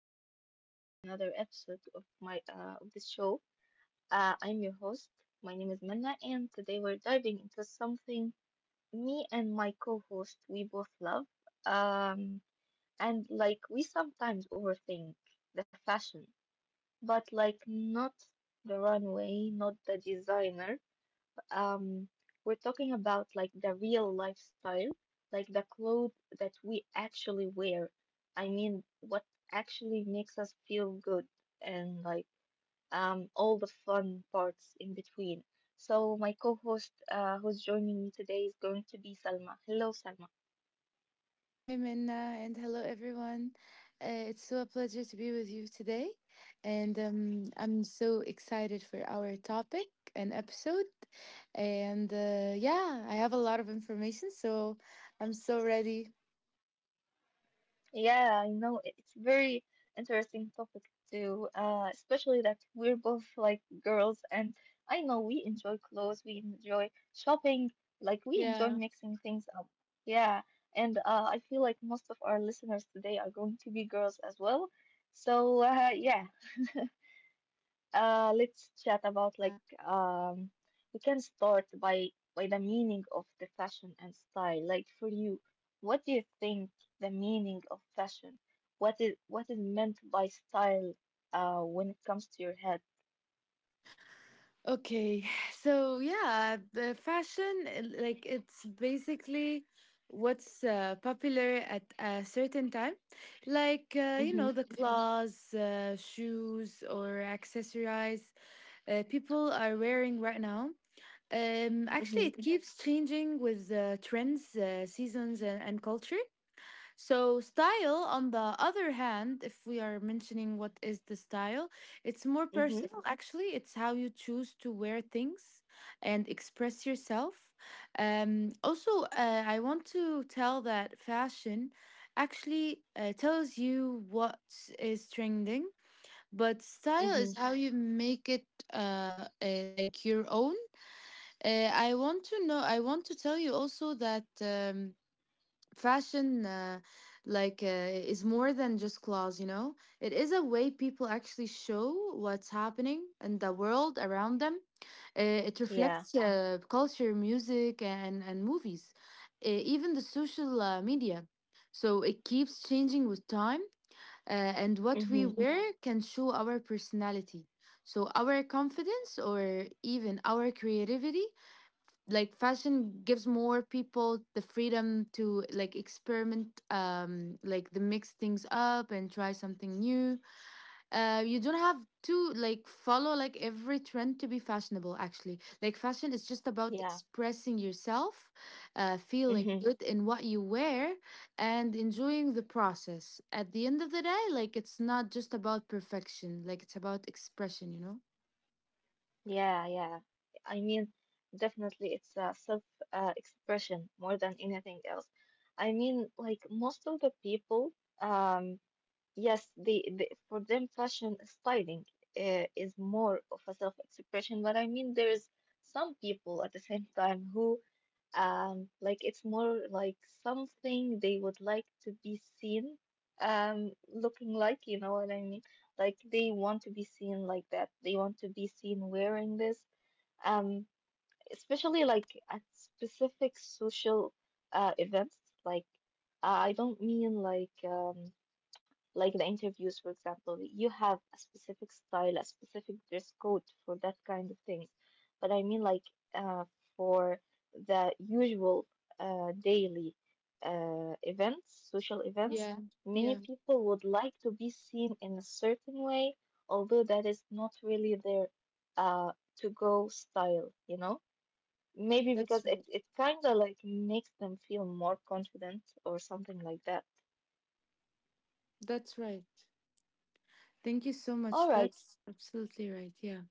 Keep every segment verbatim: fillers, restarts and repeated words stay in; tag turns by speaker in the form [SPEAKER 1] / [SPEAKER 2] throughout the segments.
[SPEAKER 1] welcome back to another episode of my uh, of this show. Uh, I'm your host. My name is Manna, and today we're diving into something me and my co-host we both love. Um, and like we sometimes overthink the fashion, but like not the runway, not the designer, um, we're talking about like the real lifestyle, like the clothes that we actually wear. I mean, what actually makes us feel good and like um, all the fun parts in between. So my co-host, uh, who's joining me today is going to be Salma. Hello, Salma.
[SPEAKER 2] Hi, Minna, and hello, everyone. Uh, it's so a pleasure to be with you today. And um, I'm so excited for our topic and episode. And uh, Yeah, I have a lot of information, so I'm so ready.
[SPEAKER 1] Yeah, I know it- it's very interesting topic too, uh, especially that we're both like girls, and I know we enjoy clothes, we enjoy shopping, like we enjoy
[SPEAKER 2] Yeah.
[SPEAKER 1] mixing things up. Yeah, and uh, I feel like most of our listeners today are going to be girls as well. So uh, yeah. Uh, let's chat about like
[SPEAKER 2] Yeah.
[SPEAKER 1] um, we can start by by the meaning of the fashion and style. Like for you, what do you think the meaning of fashion? What is what is meant by style? Uh, when it comes to your head.
[SPEAKER 2] Okay, so yeah, the fashion, uh, like it's basically what's uh, popular at a certain time, like uh, you
[SPEAKER 1] Mhm.
[SPEAKER 2] know the Mhm. clothes, uh, shoes, or accessories uh, people are wearing right now. Um, actually,
[SPEAKER 1] Mhm.
[SPEAKER 2] it Mhm. keeps changing with uh, trends, uh, seasons, and, and culture. So, style, on the other hand, if we are mentioning what is the style, it's more
[SPEAKER 1] Mhm.
[SPEAKER 2] personal actually. It's how you choose to wear things and express yourself. Um, also, uh, I want to tell that fashion actually uh, tells you what is trending, but style is
[SPEAKER 1] Mhm.
[SPEAKER 2] how you make it uh, uh, like your own. Uh, I want to know, I want to tell you also that. Um, fashion uh, like uh, is more than just clothes, you know, it is a way people actually show what's happening in the world around them. Uh, it
[SPEAKER 1] Yeah.
[SPEAKER 2] reflects uh, culture, music, and and movies, uh, even the social uh, media. So it keeps changing with time, uh, and what we
[SPEAKER 1] Mhm.
[SPEAKER 2] wear can show our personality, so our confidence, or even our creativity. Like fashion gives more people the freedom to like experiment, um like the mix things up and try something new. Uh you don't have to like follow like every trend to be fashionable. Actually, like, fashion is just about
[SPEAKER 1] Yeah.
[SPEAKER 2] expressing yourself, uh feeling
[SPEAKER 1] Mhm.
[SPEAKER 2] good in what you wear, and enjoying the process at the end of the day. Like it's not just about perfection, like it's about expression you know
[SPEAKER 1] Yeah. Yeah. I mean, definitely, it's a self uh, expression more than anything else. I mean, like most of the people. Um, Yes, the, the for them fashion styling uh, is more of a self-expression, but I mean there's some people at the same time who um like it's more like something they would like to be seen um looking like, you know what I mean? Like they want to be seen like that. They want to be seen wearing this. Um, especially like at specific social uh events like I don't mean like um like the interviews, for example, you have a specific style, a specific dress code for that kind of thing. But I mean, like, uh, for the usual uh, daily uh, events, social events,
[SPEAKER 2] yeah
[SPEAKER 1] many
[SPEAKER 2] yeah
[SPEAKER 1] people would like to be seen in a certain way, although that is not really their uh, to go style, you know? Maybe because
[SPEAKER 2] that's
[SPEAKER 1] it,
[SPEAKER 2] right.
[SPEAKER 1] it kind of like makes them feel more confident or something like that.
[SPEAKER 2] That's right. Thank you so
[SPEAKER 1] All
[SPEAKER 2] much.
[SPEAKER 1] right.
[SPEAKER 2] That's absolutely right. Yeah.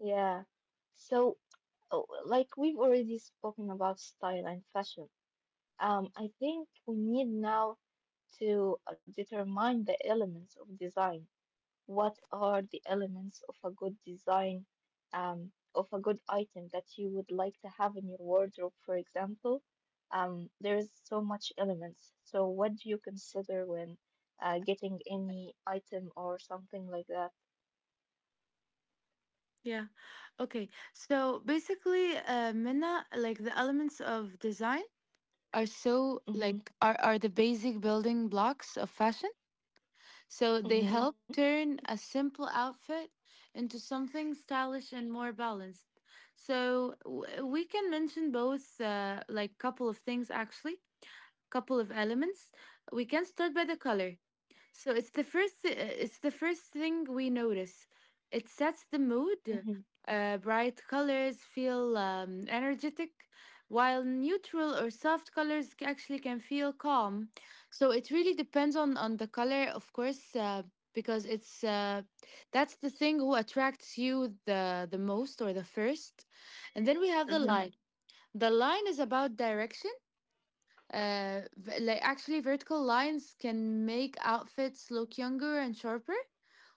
[SPEAKER 1] Yeah. So, oh, like we've already spoken about style and fashion, um, I think we need now to uh, determine the elements of design. What are the elements of a good design, um, of a good item that you would like to have in your wardrobe, for example? Um, there is so much elements. So, what do you consider when uh, getting any item or something like that?
[SPEAKER 2] Yeah. Okay. So basically, uh, Minna, like the elements of design are so
[SPEAKER 1] Mm-hmm.
[SPEAKER 2] like are are the basic building blocks of fashion. So they
[SPEAKER 1] Mm-hmm.
[SPEAKER 2] help turn a simple outfit into something stylish and more balanced. So w- we can mention both, uh, like couple of things actually, couple of elements. We can start by the color. So it's the first uh, it's the first thing we notice. It sets the mood.
[SPEAKER 1] Mm-hmm.
[SPEAKER 2] Uh, bright colors feel um, energetic, while neutral or soft colors c- actually can feel calm. So it really depends on on the color, of course, uh, because it's uh, that's the thing who attracts you the the most or the first. And then we have the
[SPEAKER 1] Mm-hmm.
[SPEAKER 2] line. The line is about direction. Uh, v- like, actually, vertical lines can make outfits look younger and sharper,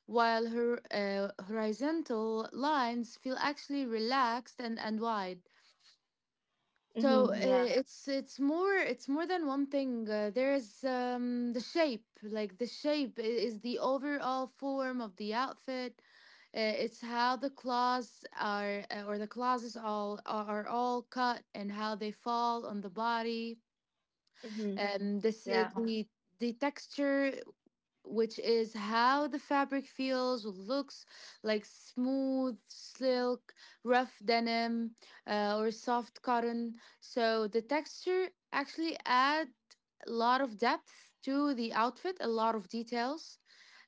[SPEAKER 2] while her uh, horizontal lines feel actually relaxed and, and wide. So uh,
[SPEAKER 1] Mm-hmm. Yeah.
[SPEAKER 2] Mhm. it's it's more it's more than one thing. Uh, there's um, the shape, like the shape i- is the overall form of the outfit. Uh, it's how the clothes are, uh, or the closets all are, are all cut and how they fall on the body,
[SPEAKER 1] Mm-hmm.
[SPEAKER 2] um, this uh,
[SPEAKER 1] Yeah.
[SPEAKER 2] the the texture, which is how the fabric feels, looks, like smooth silk, rough denim, uh, or soft cotton. So the texture actually add a lot of depth to the outfit, a lot of details.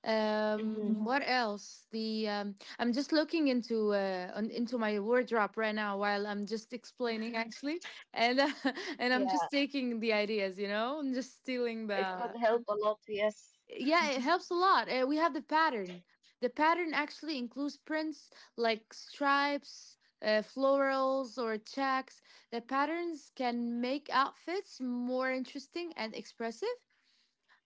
[SPEAKER 2] Um,
[SPEAKER 1] Mm-hmm.
[SPEAKER 2] Mhm. what else? The um, I'm just looking into uh, on, into my wardrobe right now while I'm just explaining actually, and and I'm
[SPEAKER 1] Yeah.
[SPEAKER 2] just taking the ideas, you know, I'm just stealing
[SPEAKER 1] It could
[SPEAKER 2] the
[SPEAKER 1] help a lot. Yes.
[SPEAKER 2] yeah, it helps a lot. Uh, we have the pattern. The pattern actually includes prints like stripes, uh, florals, or checks. The patterns can make outfits more interesting and expressive.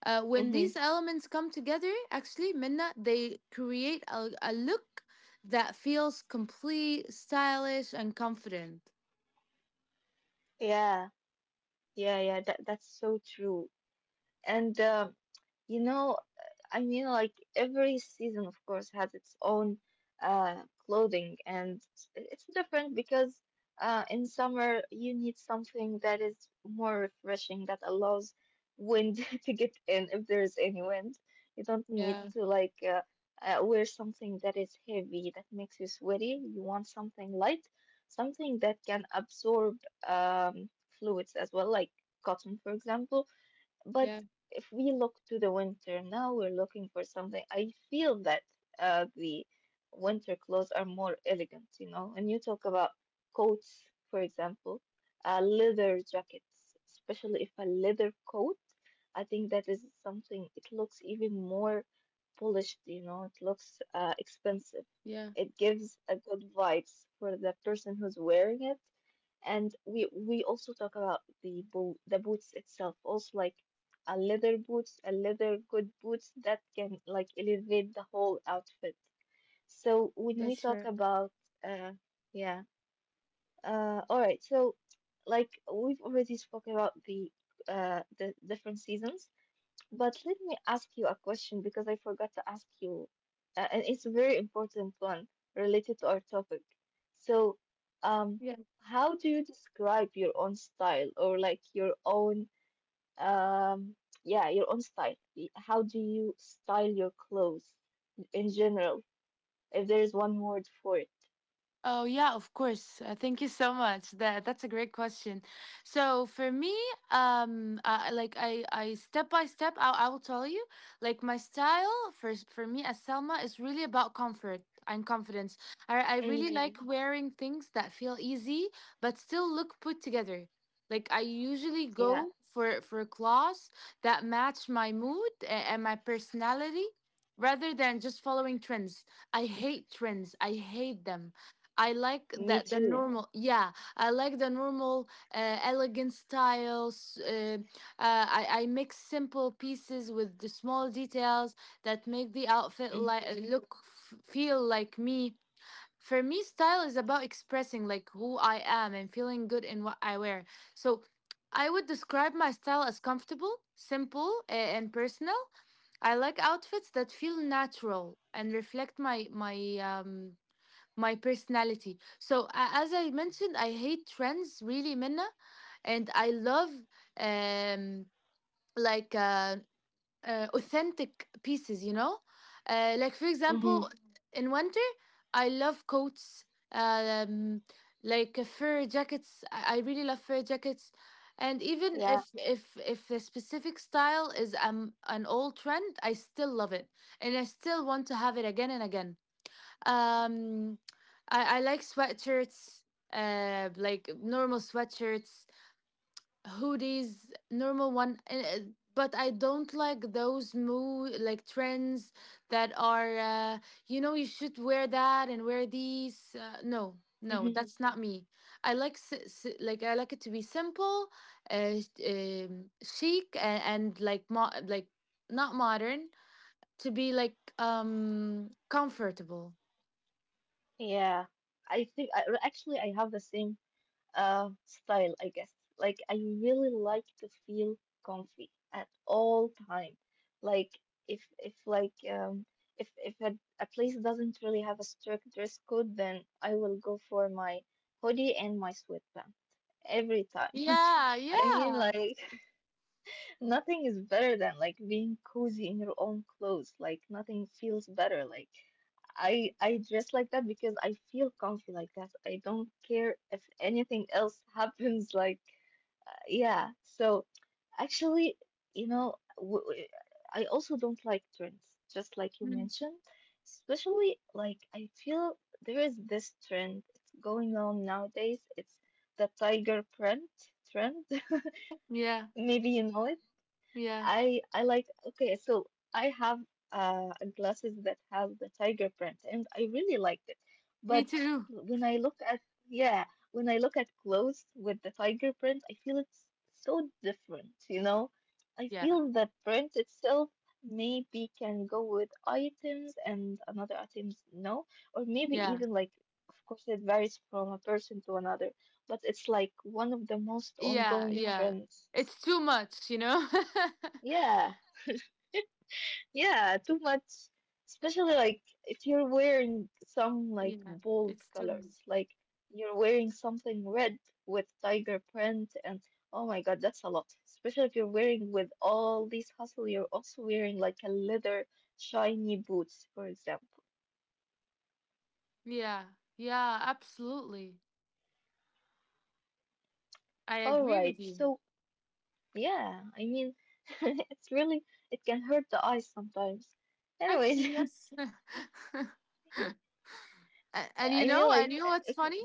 [SPEAKER 2] Uh, when
[SPEAKER 1] Mm-hmm.
[SPEAKER 2] these elements come together, actually, Minna, they create a, a look that feels complete, stylish, and confident.
[SPEAKER 1] Yeah. Yeah. Yeah. That that's so true. And uh, you know, I mean, like every season, of course, has its own uh, clothing, and it's it's different because uh, in summer you need something that is more refreshing that allows wind to get in if there is any wind. You don't need
[SPEAKER 2] Yeah,
[SPEAKER 1] to like uh, uh, wear something that is heavy that makes you sweaty. You want something light, something that can absorb um, fluids as well, like cotton, for example, but
[SPEAKER 2] yeah,
[SPEAKER 1] if we look to the winter now, we're looking for something. I feel that uh, the winter clothes are more elegant, you know. And you talk about coats, for example, uh, leather jackets, especially if a leather coat, I think that is something, it looks even more polished, you know, it looks uh, expensive.
[SPEAKER 2] yeah.
[SPEAKER 1] It gives a good vibes for the person who's wearing it, and we we also talk about the boot the boots itself also like a leather boots a leather good boots that can like elevate the whole outfit. So when we
[SPEAKER 2] That's
[SPEAKER 1] talk about uh yeah. Uh all right, so like we've already spoke about the uh the different seasons, but let me ask you a question because I forgot to ask you, uh, and it's a very important one related to our topic. So, um, how do you describe your own style or like your own, um, yeah, your own style? Y- How do you style your clothes in general, if there is one word for it?
[SPEAKER 2] Oh yeah, of course. Uh, thank you so much. That that's a great question. So for me, um, uh, like I, I step by step, I, I will tell you. Like my style for s- for me as Selma is really about comfort and confidence. I I really
[SPEAKER 1] Mm,
[SPEAKER 2] like wearing things that feel easy but still look put together. Like I usually go
[SPEAKER 1] yeah,
[SPEAKER 2] for for clothes that match my mood a- and my personality rather than just following trends. I hate trends. I hate them. I like
[SPEAKER 1] me
[SPEAKER 2] that the
[SPEAKER 1] too.
[SPEAKER 2] normal, yeah, I like the normal, uh, elegant styles. Uh, uh, I I mix simple pieces with the small details that make the outfit like
[SPEAKER 1] Mm-hmm.
[SPEAKER 2] look f- feel like me. For me, style is about expressing like who I am and feeling good in what I wear. So, I would describe my style as comfortable, simple, uh, and personal. I like outfits that feel natural and reflect my my um my personality. So, a- as I mentioned, I hate trends really, Minna, and I love um, like uh, uh, authentic pieces, you know? Uh, like, for
[SPEAKER 1] Mm-hmm.
[SPEAKER 2] example, in winter, I love coats, um, like uh, fur jackets. I I really love fur jackets. And even
[SPEAKER 1] Yeah.
[SPEAKER 2] if if if a specific style is um an old trend, I still love it, and I still want to have it again and again. Um, I, I like sweatshirts, uh, like normal sweatshirts, hoodies, normal one. and, uh, But I don't like those mo like trends that are, uh, you know, you should wear that and wear these. Uh, no, no,
[SPEAKER 1] Mm-hmm.
[SPEAKER 2] that's not me. I like s s- like I like it to be simple, uh, sh- um, chic, and, and like mo like not modern. To be like um comfortable.
[SPEAKER 1] Yeah. I think I, actually I have the same uh, style, I guess. Like, I really like to feel comfy at all time. Like, if if like um, if if a, a place doesn't really have a strict dress code, then I will go for my hoodie and my sweatpants every time.
[SPEAKER 2] Yeah,
[SPEAKER 1] I mean,
[SPEAKER 2] yeah.
[SPEAKER 1] like, nothing is better than like being cozy in your own clothes. Like nothing feels better. Like I I dress like that because I feel comfy like that. I don't care if anything else happens. Like yeah. So actually, you know, w w I also don't like trends, just like you mentioned. Especially like I feel there is this trend it's going on nowadays. It's the tiger print trend.
[SPEAKER 2] Yeah,
[SPEAKER 1] Maybe you know it.
[SPEAKER 2] yeah.
[SPEAKER 1] I I like okay, so I have uh a glasses that have the tiger print and I really liked it.
[SPEAKER 2] Me
[SPEAKER 1] But
[SPEAKER 2] too.
[SPEAKER 1] when I look at yeah, when I look at clothes with the tiger print, I feel it's so different, you know? I
[SPEAKER 2] Yeah,
[SPEAKER 1] feel that print itself maybe can go with items and another items no, or maybe even
[SPEAKER 2] yeah,
[SPEAKER 1] like of course it varies from a person to another, but it's like one of the most
[SPEAKER 2] yeah,
[SPEAKER 1] ongoing
[SPEAKER 2] yeah.
[SPEAKER 1] trends.
[SPEAKER 2] It's too much, you know?
[SPEAKER 1] Yeah. Yeah, too much. Especially like if you're wearing some like
[SPEAKER 2] yeah,
[SPEAKER 1] bold
[SPEAKER 2] it's too much.
[SPEAKER 1] colors, like you're wearing something red with tiger print, and oh my God, that's a lot. Especially if you're wearing with all these hustle, you're also wearing like a leather shiny boots, for example.
[SPEAKER 2] Yeah, yeah, absolutely. I
[SPEAKER 1] All
[SPEAKER 2] agree with
[SPEAKER 1] right,
[SPEAKER 2] you.
[SPEAKER 1] so yeah, I mean, it's really it can hurt the eyes sometimes. Anyways,
[SPEAKER 2] Actually, yes. A- and
[SPEAKER 1] I
[SPEAKER 2] you
[SPEAKER 1] mean
[SPEAKER 2] know, I
[SPEAKER 1] like
[SPEAKER 2] knew what's
[SPEAKER 1] if
[SPEAKER 2] funny?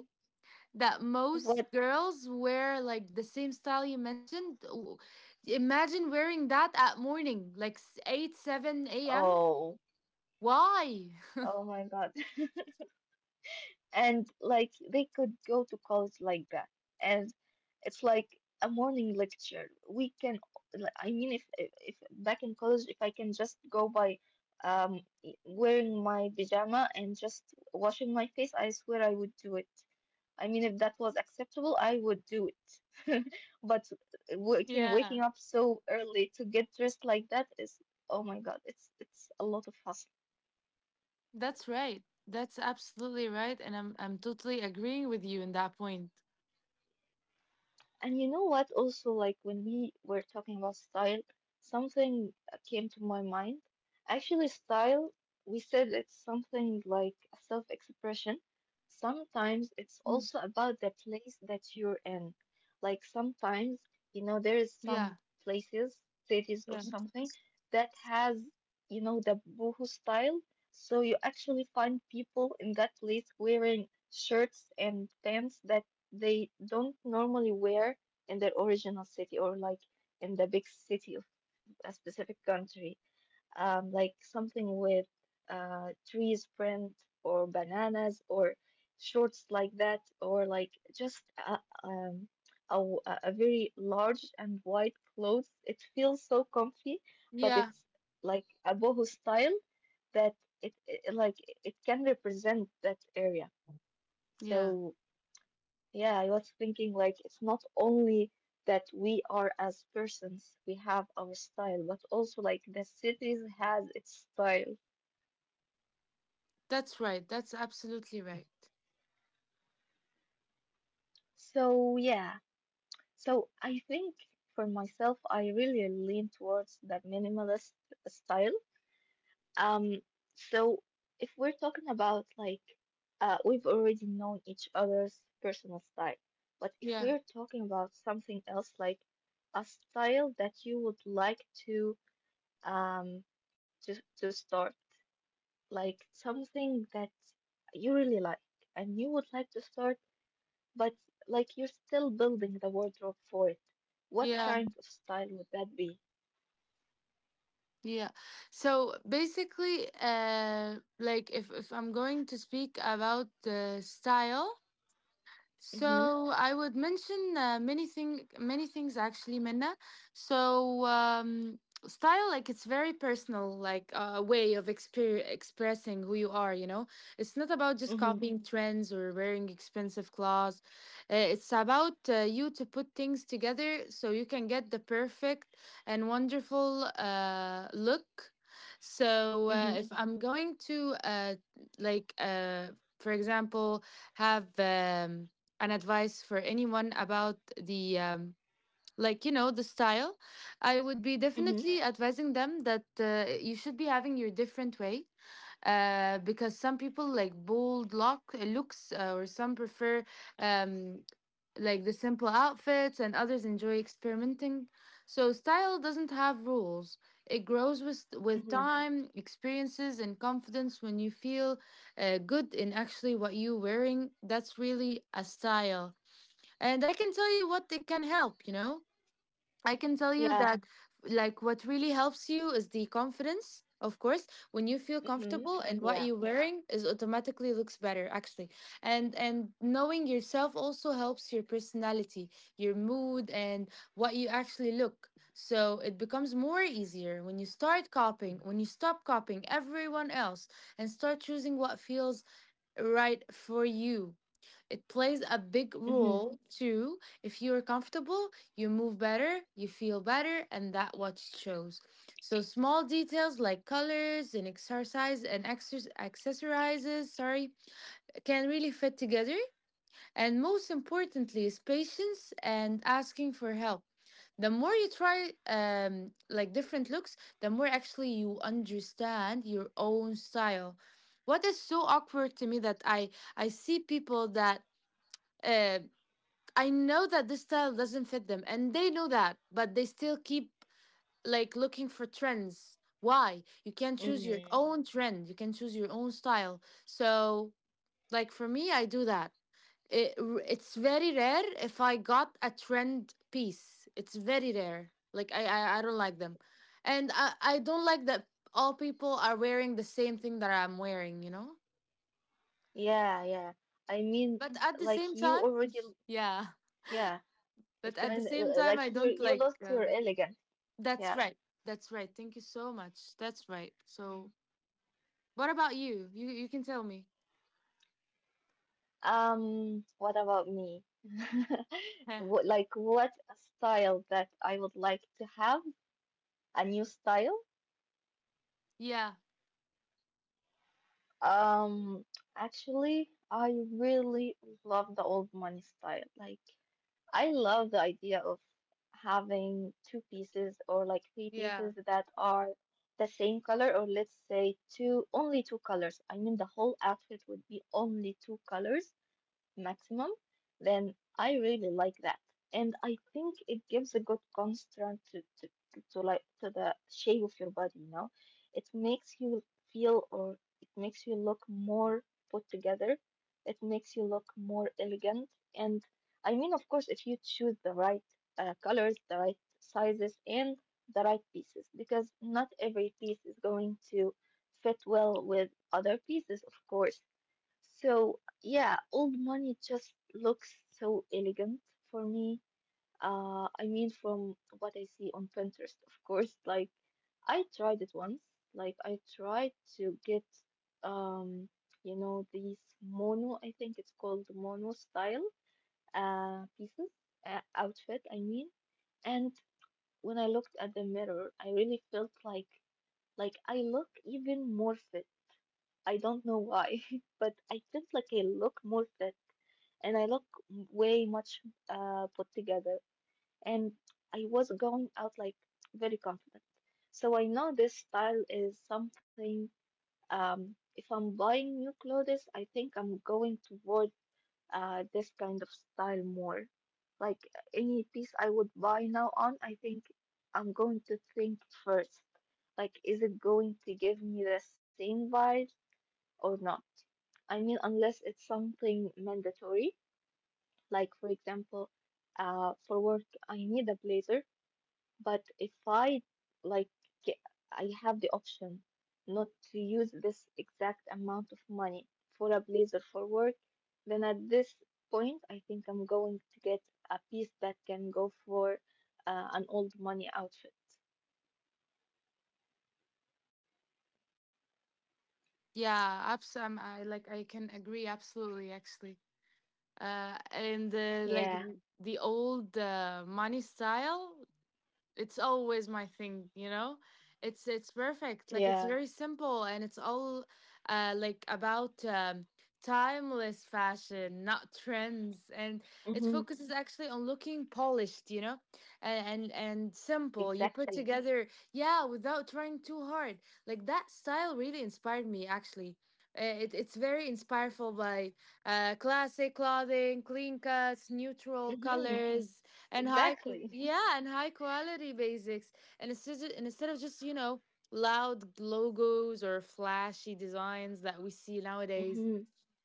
[SPEAKER 2] That most
[SPEAKER 1] what?
[SPEAKER 2] girls wear like the same style you mentioned. W- Imagine wearing that at morning, like s- eight, seven a m.
[SPEAKER 1] Oh,
[SPEAKER 2] Why?
[SPEAKER 1] oh my God. And like they could go to college like that, and it's like a morning lecture we can like, I mean if, if if back in college if I can just go by um wearing my pajama and just washing my face I swear I would do it. I mean if that was acceptable I would do it. But waking
[SPEAKER 2] Yeah.
[SPEAKER 1] waking up so early to get dressed like that is oh my God, it's it's a lot of.
[SPEAKER 2] That's right. That's absolutely right. And I'm I'm totally agreeing with you in that point.
[SPEAKER 1] And you know what? Also, like when we were talking about style, something came to my mind. Actually, style, we said it's something like a self-expression. Sometimes it's also about the place that you're in. Like sometimes, you know, there is
[SPEAKER 2] Yeah.
[SPEAKER 1] some places, cities or
[SPEAKER 2] Yeah.
[SPEAKER 1] something that has, you know, the boho style. So you actually find people in that place wearing shirts and pants that they don't normally wear in their original city or like in the big city of a specific country. Um, like something with uh, trees print or bananas or shorts like that, or like just a, um, a, w- a a very large and wide clothes. It feels so comfy, but
[SPEAKER 2] Yeah.
[SPEAKER 1] it's like a boho style that it, it like it can represent that area.
[SPEAKER 2] Yeah.
[SPEAKER 1] So yeah, I was thinking like it's not only that we are as persons, we have our style, but also like the cities has its style.
[SPEAKER 2] That's right. That's absolutely right.
[SPEAKER 1] So yeah, so I think for myself, I really lean towards that minimalist style. Um, so if we're talking about like uh, we've already known each other's personal style, but if
[SPEAKER 2] Yeah.
[SPEAKER 1] we're talking about something else like a style that you would like to um to to start, like something that you really like and you would like to start but like you're still building the wardrobe for it, what
[SPEAKER 2] Yeah.
[SPEAKER 1] kind of style would that be?
[SPEAKER 2] Yeah. So basically, uh like if if I'm going to speak about the style, so
[SPEAKER 1] Mm-hmm.
[SPEAKER 2] I would mention uh, many thing, many things actually, Minna. So um, Style, like it's very personal, like a uh, way of exper- expressing who you are. You know, it's not about just copying
[SPEAKER 1] Mm-hmm.
[SPEAKER 2] trends or wearing expensive clothes. Uh, It's about uh, you to put things together so you can get the perfect and wonderful uh, look. So uh, if
[SPEAKER 1] Mm-hmm.
[SPEAKER 2] I'm going to uh, like, uh, For example, have. Um, an advice for anyone about the um, like you know the style, I would be definitely
[SPEAKER 1] Mm-hmm.
[SPEAKER 2] advising them that uh, you should be having your different way, uh, because some people like bold look uh, looks uh, or some prefer um, like the simple outfits and others enjoy experimenting. So style doesn't have rules, it grows with with
[SPEAKER 1] Mm-hmm.
[SPEAKER 2] time, experiences and confidence. When you feel uh, good in actually what you're wearing, that's really a style. And I can tell you what they can help, you know? I can tell you that,
[SPEAKER 1] Yeah.
[SPEAKER 2] like, what really helps you is the confidence. Of course, when you feel
[SPEAKER 1] Mm-hmm.
[SPEAKER 2] comfortable and
[SPEAKER 1] Yeah.
[SPEAKER 2] what you're wearing is automatically looks better, actually, and and knowing yourself also helps your personality, your mood, and what you actually look. So it becomes more easier when you start copying, when you stop copying everyone else, and start choosing what feels right for you. It plays a big
[SPEAKER 1] Mm-hmm.
[SPEAKER 2] role too. If you're comfortable, you move better, you feel better, and that what shows. So small details like colors and exercise and exer- accessorizes, sorry, can really fit together. And most importantly is patience and asking for help. The more you try um, like different looks, the more actually you understand your own style. What is so awkward to me that I I see people that uh, I know that this style doesn't fit them and they know that, but they still keep like looking for trends. Why? You can choose your
[SPEAKER 1] Mm-hmm.
[SPEAKER 2] own trend, you can choose your own style. So, like for me, I do that. It, it's very rare if I got a trend piece. It's very rare. Like I I, I don't like them. And I, I don't like that all people are wearing the same thing that I'm wearing, you know?
[SPEAKER 1] Yeah. Yeah. I mean,
[SPEAKER 2] But at the
[SPEAKER 1] like
[SPEAKER 2] same
[SPEAKER 1] you
[SPEAKER 2] time,
[SPEAKER 1] already
[SPEAKER 2] yeah.
[SPEAKER 1] yeah
[SPEAKER 2] But
[SPEAKER 1] it's
[SPEAKER 2] at the
[SPEAKER 1] kind
[SPEAKER 2] same
[SPEAKER 1] of
[SPEAKER 2] time, I
[SPEAKER 1] like you
[SPEAKER 2] don't
[SPEAKER 1] you
[SPEAKER 2] like
[SPEAKER 1] lost your
[SPEAKER 2] um,
[SPEAKER 1] elegance.
[SPEAKER 2] that's
[SPEAKER 1] Yeah.
[SPEAKER 2] right. That's right. Thank you so much. That's right. So, what about you? You you can tell me.
[SPEAKER 1] Um, what about me? What, like what a style that I would like to have? A new style?
[SPEAKER 2] yeah.
[SPEAKER 1] Um, actually, I really love the old money style. Like I love the idea of having two pieces or like three pieces
[SPEAKER 2] Yeah.
[SPEAKER 1] that are the same color, or let's say two, only two colors. I mean, the whole outfit would be only two colors maximum, then I really like that. And I think it gives a good constant to, to, to like to the shape of your body, you know? It makes you feel or it makes you look more put together. It makes you look more elegant. And I mean, of course, if you choose the right uh, colors, the right sizes, and the right pieces, because not every piece is going to fit well with other pieces, of course, so yeah, old money just looks so elegant for me. Uh, I mean, from what I see on Pinterest, of course. Like, I tried it once. Like, I tried to get, um, you know, these mono. I think it's called mono style uh pieces, uh, outfit. I mean, and when I looked at the mirror, I really felt like like I look even more fit. I don't know why, but I felt like I look more fit and I look way much uh, put together. And I was going out like very confident. So I know this style is something. Um, if I'm buying new clothes, I think I'm going toward uh, this kind of style more. Like any piece I would buy now on, I think I'm going to think first. Like, is it going to give me the same vibe or not? I mean, unless it's something mandatory. Like, for example, uh, for work, I need a blazer, but if I like, ge- I have the option not to use this exact amount of money for a blazer for work, then at this point, I think I'm going to get a piece that can go for uh, an old money outfit.
[SPEAKER 2] Yeah. Abs- um, I like. I can agree absolutely. Actually. Uh, and
[SPEAKER 1] Yeah.
[SPEAKER 2] uh, like The old uh, money style, it's always my thing, you know it's it's perfect, like it's
[SPEAKER 1] Yeah.
[SPEAKER 2] very simple and it's all uh like about um timeless fashion, not trends. And
[SPEAKER 1] Mm-hmm.
[SPEAKER 2] it focuses actually on looking polished you know and and, and simple, you put
[SPEAKER 1] Exactly.
[SPEAKER 2] together, yeah, without trying too hard. Like that style really inspired me actually. Uh, it, it's very inspireful by uh, classic clothing, clean cuts, neutral
[SPEAKER 1] Mm-hmm.
[SPEAKER 2] colors, and high
[SPEAKER 1] Exactly.
[SPEAKER 2] qu- yeah and high quality basics. And instead of, and instead of just, you know, loud logos or flashy designs that we see nowadays,
[SPEAKER 1] Mm-hmm.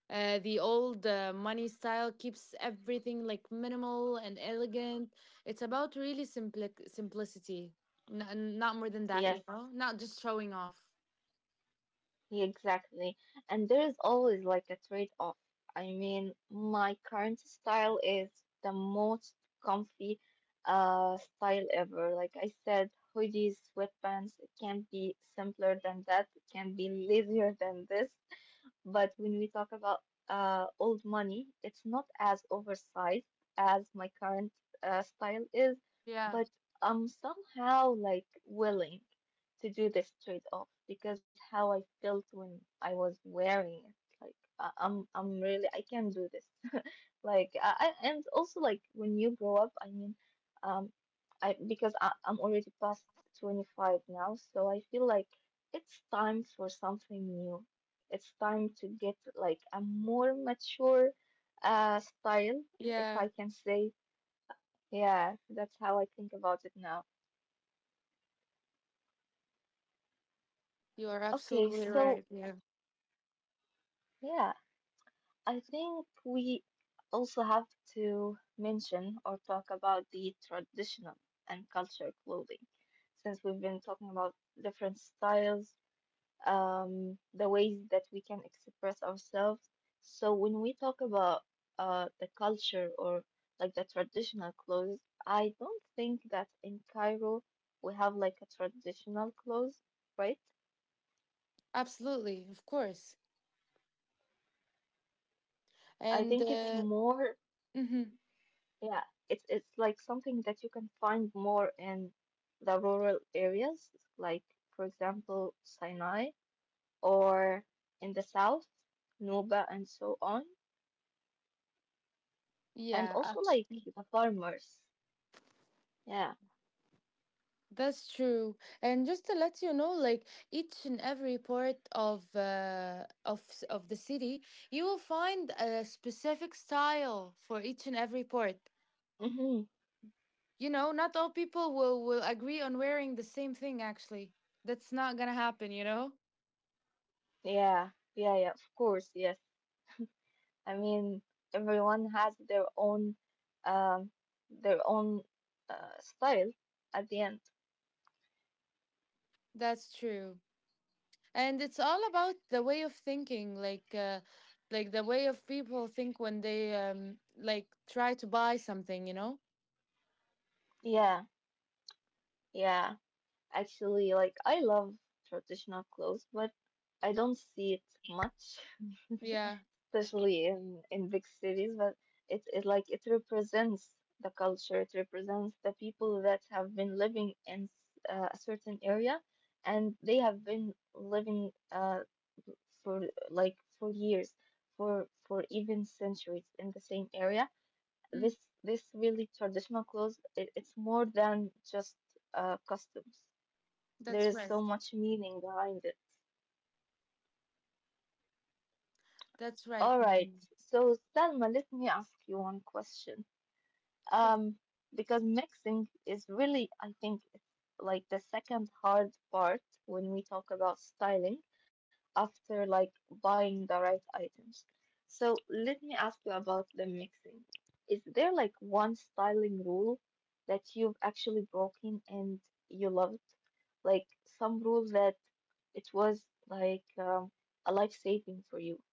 [SPEAKER 2] uh, the old uh, money style keeps everything like minimal and elegant. It's about really simplic simplicity. N- not more than that, you
[SPEAKER 1] Yes.
[SPEAKER 2] know, not just showing off.
[SPEAKER 1] Exactly. And there is always like a trade-off. I mean, my current style is the most comfy uh style ever. Like I said, hoodies, sweatpants, it can't be simpler than that. It can't be lazier than this. But when we talk about uh, old money, it's not as oversized as my current uh, style is,
[SPEAKER 2] Yeah,
[SPEAKER 1] but I'm somehow like willing to do this trade-off because how I felt when I was wearing it, like I I'm I'm really I can do this. Like I I- and also like when you grow up, I mean, um, I because I, I'm already past twenty-five now, so I feel like it's time for something new. It's time to get like a more mature uh style, if I
[SPEAKER 2] yeah,
[SPEAKER 1] can say. Yeah, that's how I think about it now.
[SPEAKER 2] you are
[SPEAKER 1] Okay,
[SPEAKER 2] absolutely
[SPEAKER 1] so
[SPEAKER 2] right. Yeah,
[SPEAKER 1] yeah, I think we also have to mention or talk about the traditional and cultural clothing, since we've been talking about different styles, um, the ways that we can express ourselves. So when we talk about uh, the culture or like the traditional clothes, I don't think that in Cairo we have like a traditional clothes, right?
[SPEAKER 2] absolutely, of course.
[SPEAKER 1] I
[SPEAKER 2] And
[SPEAKER 1] think it's
[SPEAKER 2] uh,
[SPEAKER 1] more,
[SPEAKER 2] Mhm,
[SPEAKER 1] yeah, it's it's like something that you can find more in the rural areas, like for example Sinai or in the south, Nuba and so on, and
[SPEAKER 2] yeah.
[SPEAKER 1] also like the farmers. Yeah.
[SPEAKER 2] That's true. And just to let you know, like each and every part of uh, of s- of the city, you will find a specific style for each and every part.
[SPEAKER 1] Hmm.
[SPEAKER 2] You know, not all people will will agree on wearing the same thing actually. That's not going to happen, you know?
[SPEAKER 1] Yeah. Yeah, yeah, of course, yes. I mean, everyone has their own um their own uh style at the end.
[SPEAKER 2] That's true. And it's all about the way of thinking, like uh like the way of people think when they um like try to buy something, you know?
[SPEAKER 1] Yeah. Yeah. Actually, like I love traditional clothes, but I don't see it much,
[SPEAKER 2] Yeah.
[SPEAKER 1] especially in in big cities, but it it like it represents the culture, it represents the people that have been living in s- uh, a certain area and they have been living uh for like for years, for for even centuries in the same area.
[SPEAKER 2] Mm,
[SPEAKER 1] This this really traditional clothes, it, it's more than just uh, customs. There
[SPEAKER 2] that's
[SPEAKER 1] is
[SPEAKER 2] right.
[SPEAKER 1] so much meaning behind it.
[SPEAKER 2] That's right,
[SPEAKER 1] All right,
[SPEAKER 2] man.
[SPEAKER 1] so Salma, let me ask you one question.
[SPEAKER 2] Sure.
[SPEAKER 1] Um, because mixing is really, I think, it's like the second hard part when we talk about styling after like buying the right items. So let me ask you about the mixing. Is there like one styling rule that you've actually broken and you loved? Like some rule that it was like um, a life saving for you?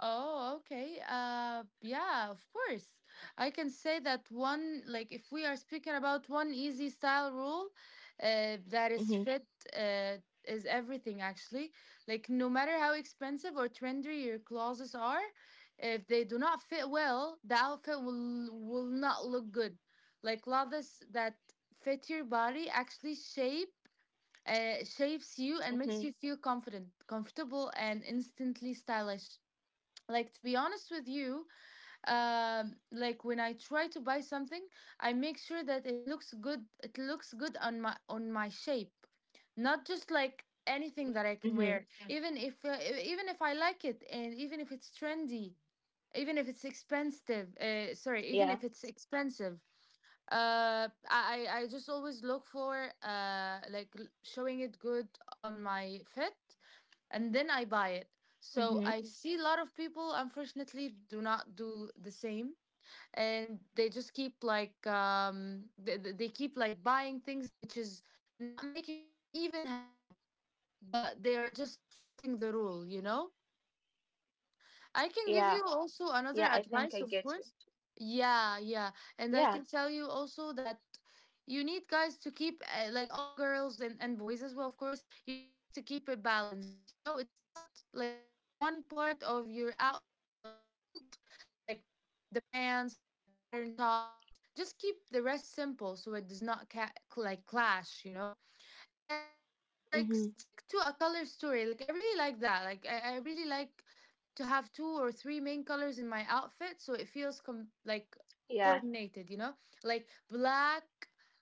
[SPEAKER 2] Oh, okay. Uh, yeah, of course. I can say that one, like, if we are speaking about one easy style rule, uh, that is fit,
[SPEAKER 1] Mm-hmm,
[SPEAKER 2] uh, is everything actually. Like, no matter how expensive or trendy your clothes are, if they do not fit well, the outfit will will not look good. Like, clothes that fit your body actually shape uh, shapes you and makes you
[SPEAKER 1] mm-hmm,
[SPEAKER 2] feel confident, comfortable, and instantly stylish. Like, to be honest with you, um like when I try to buy something, I make sure that it looks good it looks good on my on my shape, not just like anything that I
[SPEAKER 1] mm-hmm.
[SPEAKER 2] can wear. Yeah. Even if uh, e- even if I like it, and even if it's trendy, even if it's expensive,
[SPEAKER 1] Yeah,
[SPEAKER 2] uh, sorry, even if it's expensive, uh i i I just always look for uh like l- showing it good on my fit, and then I buy it.
[SPEAKER 1] mm-hmm,
[SPEAKER 2] So I see a lot of people, unfortunately, do not do the same, and they just keep like um, they, they they keep like buying things which is not making them even happy, but they are just fitting the rule, you know. I
[SPEAKER 1] yeah,
[SPEAKER 2] can give you
[SPEAKER 1] yeah,
[SPEAKER 2] also
[SPEAKER 1] I
[SPEAKER 2] another
[SPEAKER 1] think I get
[SPEAKER 2] advice,
[SPEAKER 1] you.
[SPEAKER 2] of course. Yeah, yeah.
[SPEAKER 1] Yeah.
[SPEAKER 2] And I can tell you also that you need, guys, to keep, uh, like all girls and, and boys as well, of course, you need just to keep it balanced. You know, it's not like if, if one part of your outfit is bold, like the pants or the pattern top, just keep the rest simple so it does not ca- like clash, you know? And like
[SPEAKER 1] Mm-hmm.
[SPEAKER 2] stick to a color story. Like I really like that. like i, I really like to have two or three main colors in my outfit so it feels com- like
[SPEAKER 1] Yeah.
[SPEAKER 2] coordinated, you know, like black,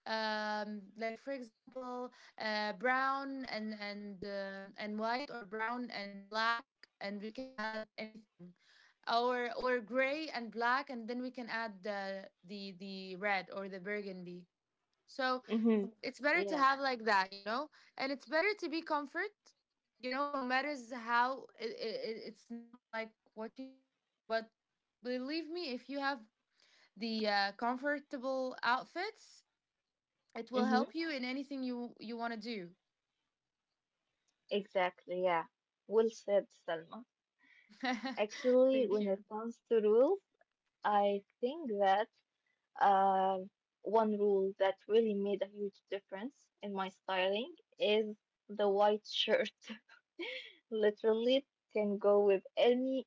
[SPEAKER 2] um like for example, uh brown and and um, and white, or brown and black, and we can add anything. Or or gray and black, and then we can add the the the red or the burgundy. So
[SPEAKER 1] Mm-hmm.
[SPEAKER 2] it's better to
[SPEAKER 1] Yeah.
[SPEAKER 2] have like that, you know? And it's better to be comfort, you know, no matters how it, it, it's not like what you think, but believe me, if you have the uh, comfortable outfits, it will
[SPEAKER 1] Mm-hmm.
[SPEAKER 2] help you in anything you you want to do.
[SPEAKER 1] Exactly, yeah. Well said, Salma. Actually, when
[SPEAKER 2] Thank
[SPEAKER 1] it
[SPEAKER 2] you.
[SPEAKER 1] comes to rules, I think that um, one rule that really made a huge difference in my styling is the white shirt. Literally, it can go with any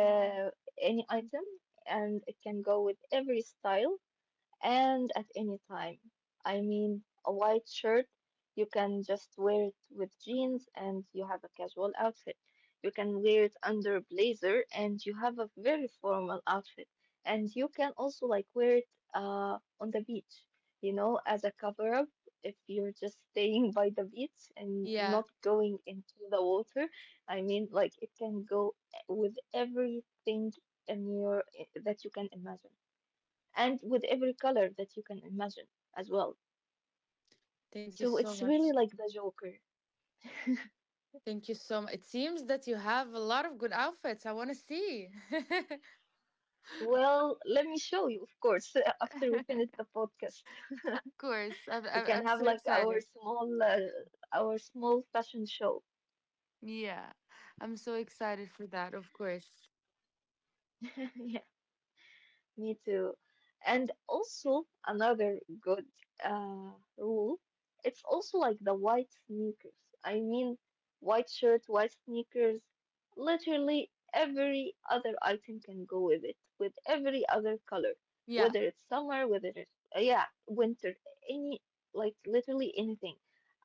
[SPEAKER 2] Mhm.
[SPEAKER 1] any item, and it can go with every style and at any time. I mean, a white shirt, you can just wear it with jeans and you have a casual outfit. You can wear it under a blazer and you have a very formal outfit. And you can also like wear it uh, on the beach, you know, as a cover up. If you're just staying by the beach and
[SPEAKER 2] Yeah,
[SPEAKER 1] not going into the water, I mean, like it can go with everything in your that you can imagine and with every color that you can imagine as well.
[SPEAKER 2] thank you so
[SPEAKER 1] So it's
[SPEAKER 2] much.
[SPEAKER 1] really like the Joker.
[SPEAKER 2] Thank you so much. It seems that you have a lot of good outfits. I want to see.
[SPEAKER 1] Well, let me show you, of course, after we
[SPEAKER 2] Of
[SPEAKER 1] finish the podcast.
[SPEAKER 2] course, I'm,
[SPEAKER 1] We
[SPEAKER 2] I'm
[SPEAKER 1] can
[SPEAKER 2] I'm
[SPEAKER 1] have
[SPEAKER 2] so
[SPEAKER 1] like our
[SPEAKER 2] excited.
[SPEAKER 1] small uh, our small fashion show.
[SPEAKER 2] Yeah, I'm so excited for that, of course.
[SPEAKER 1] Yeah. Me too. And also another good uh, rule. It's also like the white sneakers. I mean, white shirt, white sneakers. Literally every other item can go with it, with every other color,
[SPEAKER 2] Yeah,
[SPEAKER 1] whether it's summer, whether it's uh, yeah, winter, any like literally anything.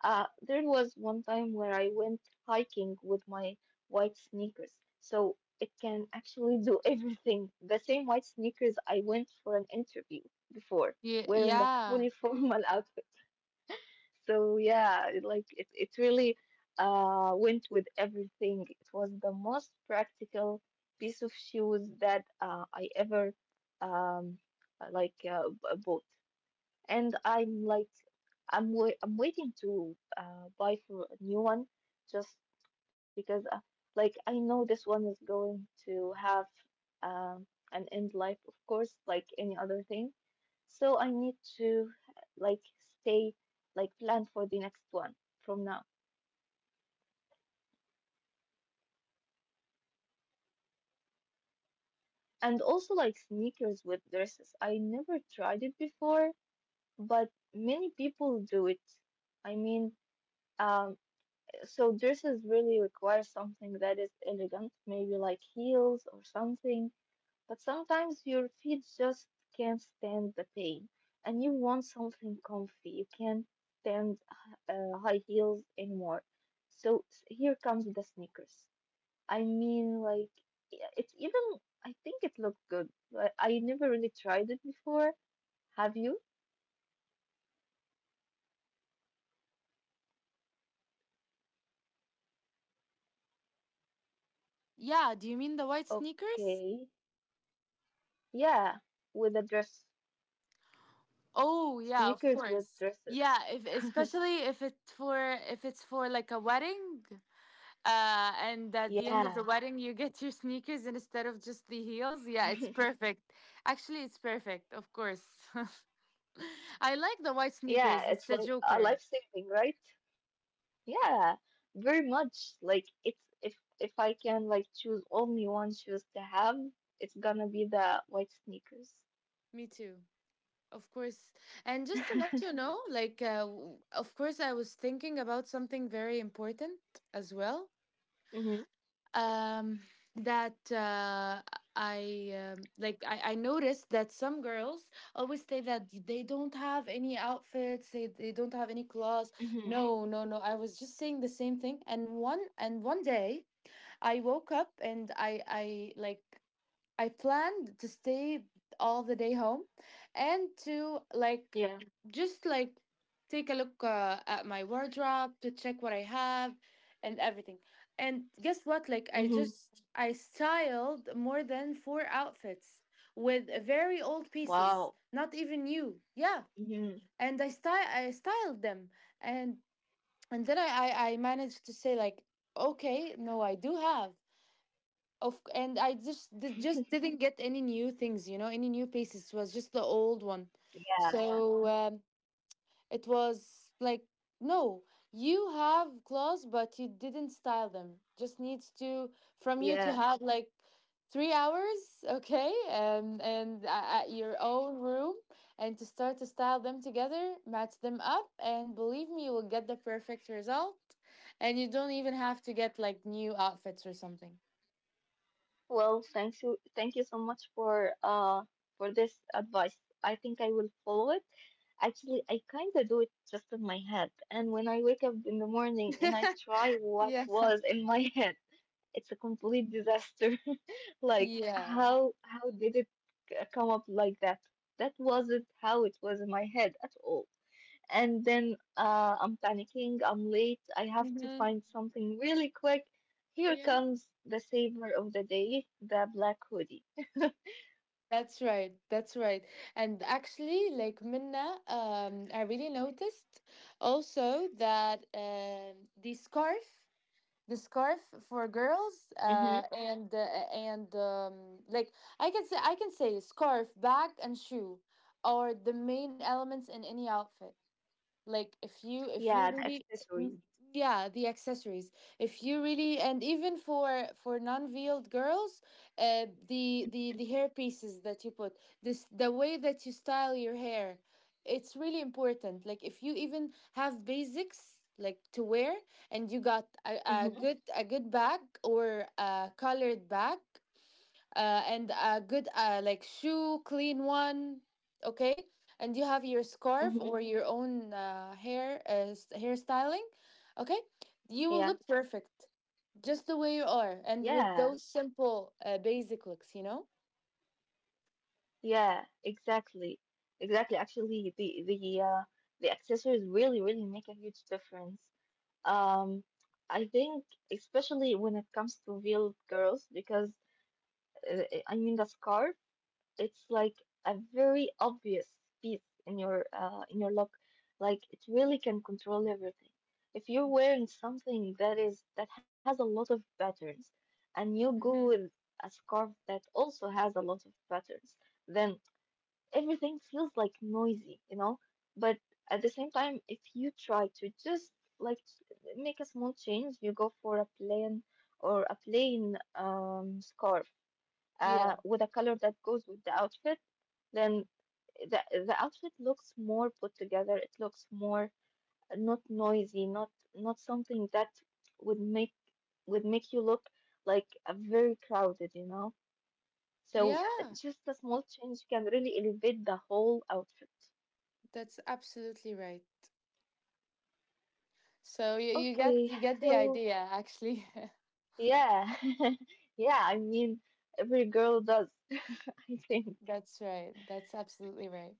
[SPEAKER 1] Uh, there was one time where I went hiking with my white sneakers. So it can actually do everything. The same white sneakers I went for an interview before,
[SPEAKER 2] yeah,
[SPEAKER 1] wearing a fully
[SPEAKER 2] yeah.
[SPEAKER 1] formal outfit. So yeah, it, like it, it really uh, went with everything. It was the most practical piece of shoes that uh, I ever um, uh, like uh, b- bought and I'm like I'm wai I'm waiting to uh, buy for a new one just because uh, like I know this one is going to have um, an end life of course like any other thing, so I need to like stay like plan for the next one from now. And also like sneakers with dresses, I never tried it before, but many people do it. I mean, um, so dresses really require something that is elegant, maybe like heels or something, but sometimes your feet just can't stand the pain and you want something comfy. You can't stand uh, high heels anymore. So s- here comes the sneakers. I mean, like, yeah, it's even, I think it looked good, but I never really tried it before. Have you?
[SPEAKER 2] Yeah, do you mean the white sneakers?
[SPEAKER 1] Okay. Yeah, with the dress,
[SPEAKER 2] Oh, yeah, of
[SPEAKER 1] sneakers
[SPEAKER 2] course.
[SPEAKER 1] with dresses.
[SPEAKER 2] Yeah, if especially if it's for, if it's for like a wedding, uh, and at the end of the
[SPEAKER 1] Yeah.
[SPEAKER 2] wedding you get your sneakers instead of just the heels. Yeah, it's perfect. Actually, it's perfect, of course. I like the white
[SPEAKER 1] Yeah,
[SPEAKER 2] sneakers.
[SPEAKER 1] it's
[SPEAKER 2] It's a
[SPEAKER 1] like a
[SPEAKER 2] joker.
[SPEAKER 1] life saving, right? Yeah, very much. Like it's if if I can like choose only one shoes to have, it's gonna be the white sneakers.
[SPEAKER 2] Me too. Of course. And just to let you know, like, uh, w- of course, I was thinking about something very important as well.
[SPEAKER 1] Mm-hmm.
[SPEAKER 2] Um, that uh, I um, like, I, I noticed that some girls always say that they don't have any outfits, they, they don't have any clothes.
[SPEAKER 1] Mm-hmm.
[SPEAKER 2] No, no, no. I was just saying the same thing. And one and one day I woke up, and I I like I planned to stay all the day home, and to like
[SPEAKER 1] Yeah.
[SPEAKER 2] just like take a look uh, at my wardrobe to check what I have and everything. And guess what? Like I
[SPEAKER 1] Mm-hmm.
[SPEAKER 2] just I styled more than four outfits with very old
[SPEAKER 1] Wow.
[SPEAKER 2] pieces, not even new. Yeah,
[SPEAKER 1] Mm-hmm.
[SPEAKER 2] and I sty I styled them, and and then I I, I managed to say like, okay, no, I do have. Of And I just di- just didn't get any new things, you know, any new pieces. It was just the old one.
[SPEAKER 1] Yeah, yeah,
[SPEAKER 2] So um, it was like, no, you have clothes, but you didn't style them. Just needs to from you to
[SPEAKER 1] yeah.
[SPEAKER 2] have like three hours, okay, um, and a- at your own room, and to start to style them together, match them up, and believe me, you will get the perfect result. And you don't even have to get like new outfits or something.
[SPEAKER 1] Well, thank you, thank you so much for uh for this advice. I think I will follow it. Actually, I kind of do it just in my head. And when I wake up in the morning and I try what
[SPEAKER 2] Yeah.
[SPEAKER 1] was in my head, it's a complete disaster. Like,
[SPEAKER 2] Yeah.
[SPEAKER 1] how how did it c- come up like that? That wasn't how it was in my head at all. And then uh, I'm panicking, I'm late, I have to
[SPEAKER 2] Mm-hmm.
[SPEAKER 1] find something really quick. Here
[SPEAKER 2] Yeah.
[SPEAKER 1] comes the savior of the day, the black hoodie.
[SPEAKER 2] That's right. That's right. And actually, like, Minna, um, I really noticed also that um the scarf, the scarf for girls, uh,
[SPEAKER 1] Hmm.
[SPEAKER 2] and uh, and um, like I can say, I can say scarf, bag, and shoe are the main elements in any outfit. Like if you, if you
[SPEAKER 1] Yeah, the
[SPEAKER 2] really...
[SPEAKER 1] accessories.
[SPEAKER 2] Mm, yeah, the accessories. If you really, and even for for non-veiled girls, uh the the the hair pieces that you put, this the way that you style your hair, it's really important. Like if you even have basics like to wear, and you got a, a good,
[SPEAKER 1] Hmm.
[SPEAKER 2] a good bag, or a colored bag, uh, and a good uh, like shoe, clean one, okay, and you have your scarf
[SPEAKER 1] Hmm.
[SPEAKER 2] or your own uh, hair uh, s- hairstyling, okay, you will look
[SPEAKER 1] Yeah,
[SPEAKER 2] perfect just the way you are, and with those
[SPEAKER 1] yeah.
[SPEAKER 2] simple uh, basic looks, you know.
[SPEAKER 1] Yeah, exactly. Exactly. Actually, the the uh, the accessories really really make a huge difference. Um, I think especially when it comes to veiled girls, because uh, I mean the scarf, it's like a very obvious piece in your uh in your look. Like it really can control everything. If you're wearing something that is that has a lot of patterns, and you go with
[SPEAKER 2] Hmm,
[SPEAKER 1] a scarf that also has a lot of patterns, then everything feels like noisy, you know? But at the same time, if you try to just like make a small change, you go for a plain or a plain um, scarf uh,
[SPEAKER 2] yeah,
[SPEAKER 1] with a color that goes with the outfit, then the the outfit looks more put together. It looks more not noisy, not not something that would make would make you look like a very crowded, you know? So
[SPEAKER 2] yeah,
[SPEAKER 1] just a small change can really elevate the whole outfit.
[SPEAKER 2] that's absolutely right. So you, you get,
[SPEAKER 1] Okay,
[SPEAKER 2] you get the
[SPEAKER 1] so
[SPEAKER 2] idea actually.
[SPEAKER 1] yeah, yeah, I mean, every girl does, I think.
[SPEAKER 2] That's right, that's absolutely right.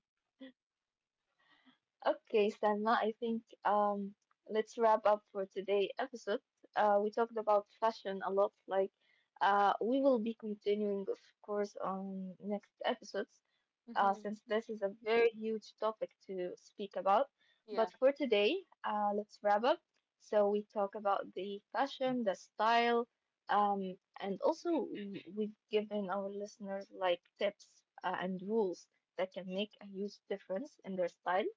[SPEAKER 1] Okay, Salma, I think um, let's wrap up for today episode. Uh, we talked about fashion a lot, like uh, we will be continuing, of course, on next episodes, uh, since
[SPEAKER 2] Hmm.
[SPEAKER 1] this is a very huge topic to speak about. But
[SPEAKER 2] Yeah.
[SPEAKER 1] for today, uh, let's wrap up. So we talk about the fashion, the style, um, and also we- we've given our listeners like tips uh, and rules that can make a huge difference in their styles.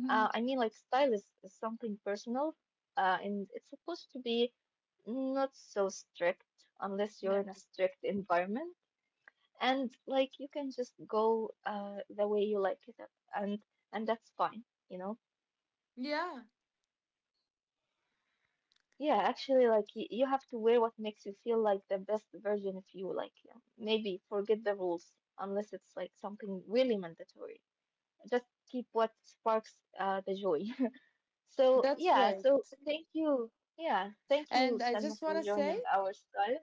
[SPEAKER 1] Uh, I mean, like style is, is something personal, uh, and it's supposed to be not so strict unless you're
[SPEAKER 2] Yeah.
[SPEAKER 1] in a strict environment and like you can just go uh the way you like it up, and and that's fine, you know,
[SPEAKER 2] Yeah,
[SPEAKER 1] yeah, actually like you, you have to wear what makes you feel like the best version of you, like you know, maybe forget the rules unless it's like something really mandatory. Just keep what sparks uh the joy. So
[SPEAKER 2] that's
[SPEAKER 1] yeah,
[SPEAKER 2] right.
[SPEAKER 1] so thank you, yeah, thank you
[SPEAKER 2] And I
[SPEAKER 1] Selma
[SPEAKER 2] just want
[SPEAKER 1] for
[SPEAKER 2] to say,
[SPEAKER 1] joining our style,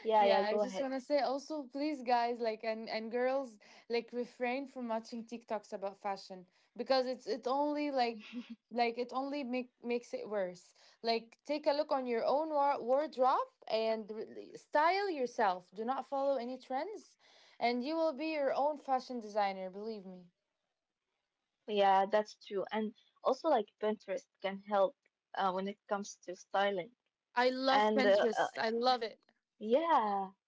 [SPEAKER 1] yeah, yeah,
[SPEAKER 2] yeah,
[SPEAKER 1] go
[SPEAKER 2] I
[SPEAKER 1] ahead,
[SPEAKER 2] just want to say also, please, guys, like, and, and girls, like, refrain from watching TikToks about fashion, because it's, it only like, like it only make, makes it worse. Like, take a look on your own wa- wardrobe and re- style yourself. Do not follow any trends, and you will be your own fashion designer. Believe me.
[SPEAKER 1] yeah, that's true, and also like Pinterest can help uh, when it comes to styling.
[SPEAKER 2] I love
[SPEAKER 1] And uh,
[SPEAKER 2] Pinterest.
[SPEAKER 1] uh,
[SPEAKER 2] I love it.
[SPEAKER 1] yeah,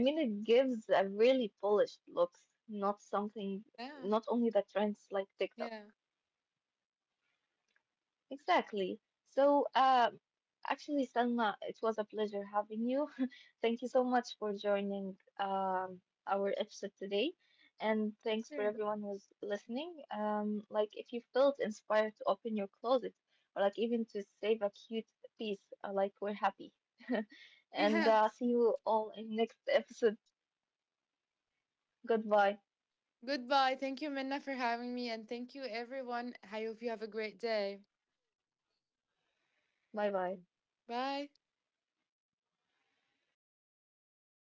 [SPEAKER 1] I mean, it gives a really polished looks, not something,
[SPEAKER 2] Yeah.
[SPEAKER 1] not only the trends like TikTok.
[SPEAKER 2] Yeah.
[SPEAKER 1] Exactly. So, um, actually, Selma, it was a pleasure having you. Thank you so much for joining um, our episode today. And thanks for
[SPEAKER 2] Sure.
[SPEAKER 1] everyone who's listening. Um, like, if you felt inspired to open your closet or like even to save a cute piece, uh, like, we're happy. And
[SPEAKER 2] Yeah.
[SPEAKER 1] uh, see you all in next episode. Goodbye.
[SPEAKER 2] Goodbye. Thank you, Minna, for having me. And thank you, everyone. I hope you have a great day.
[SPEAKER 1] Bye bye.
[SPEAKER 2] Bye.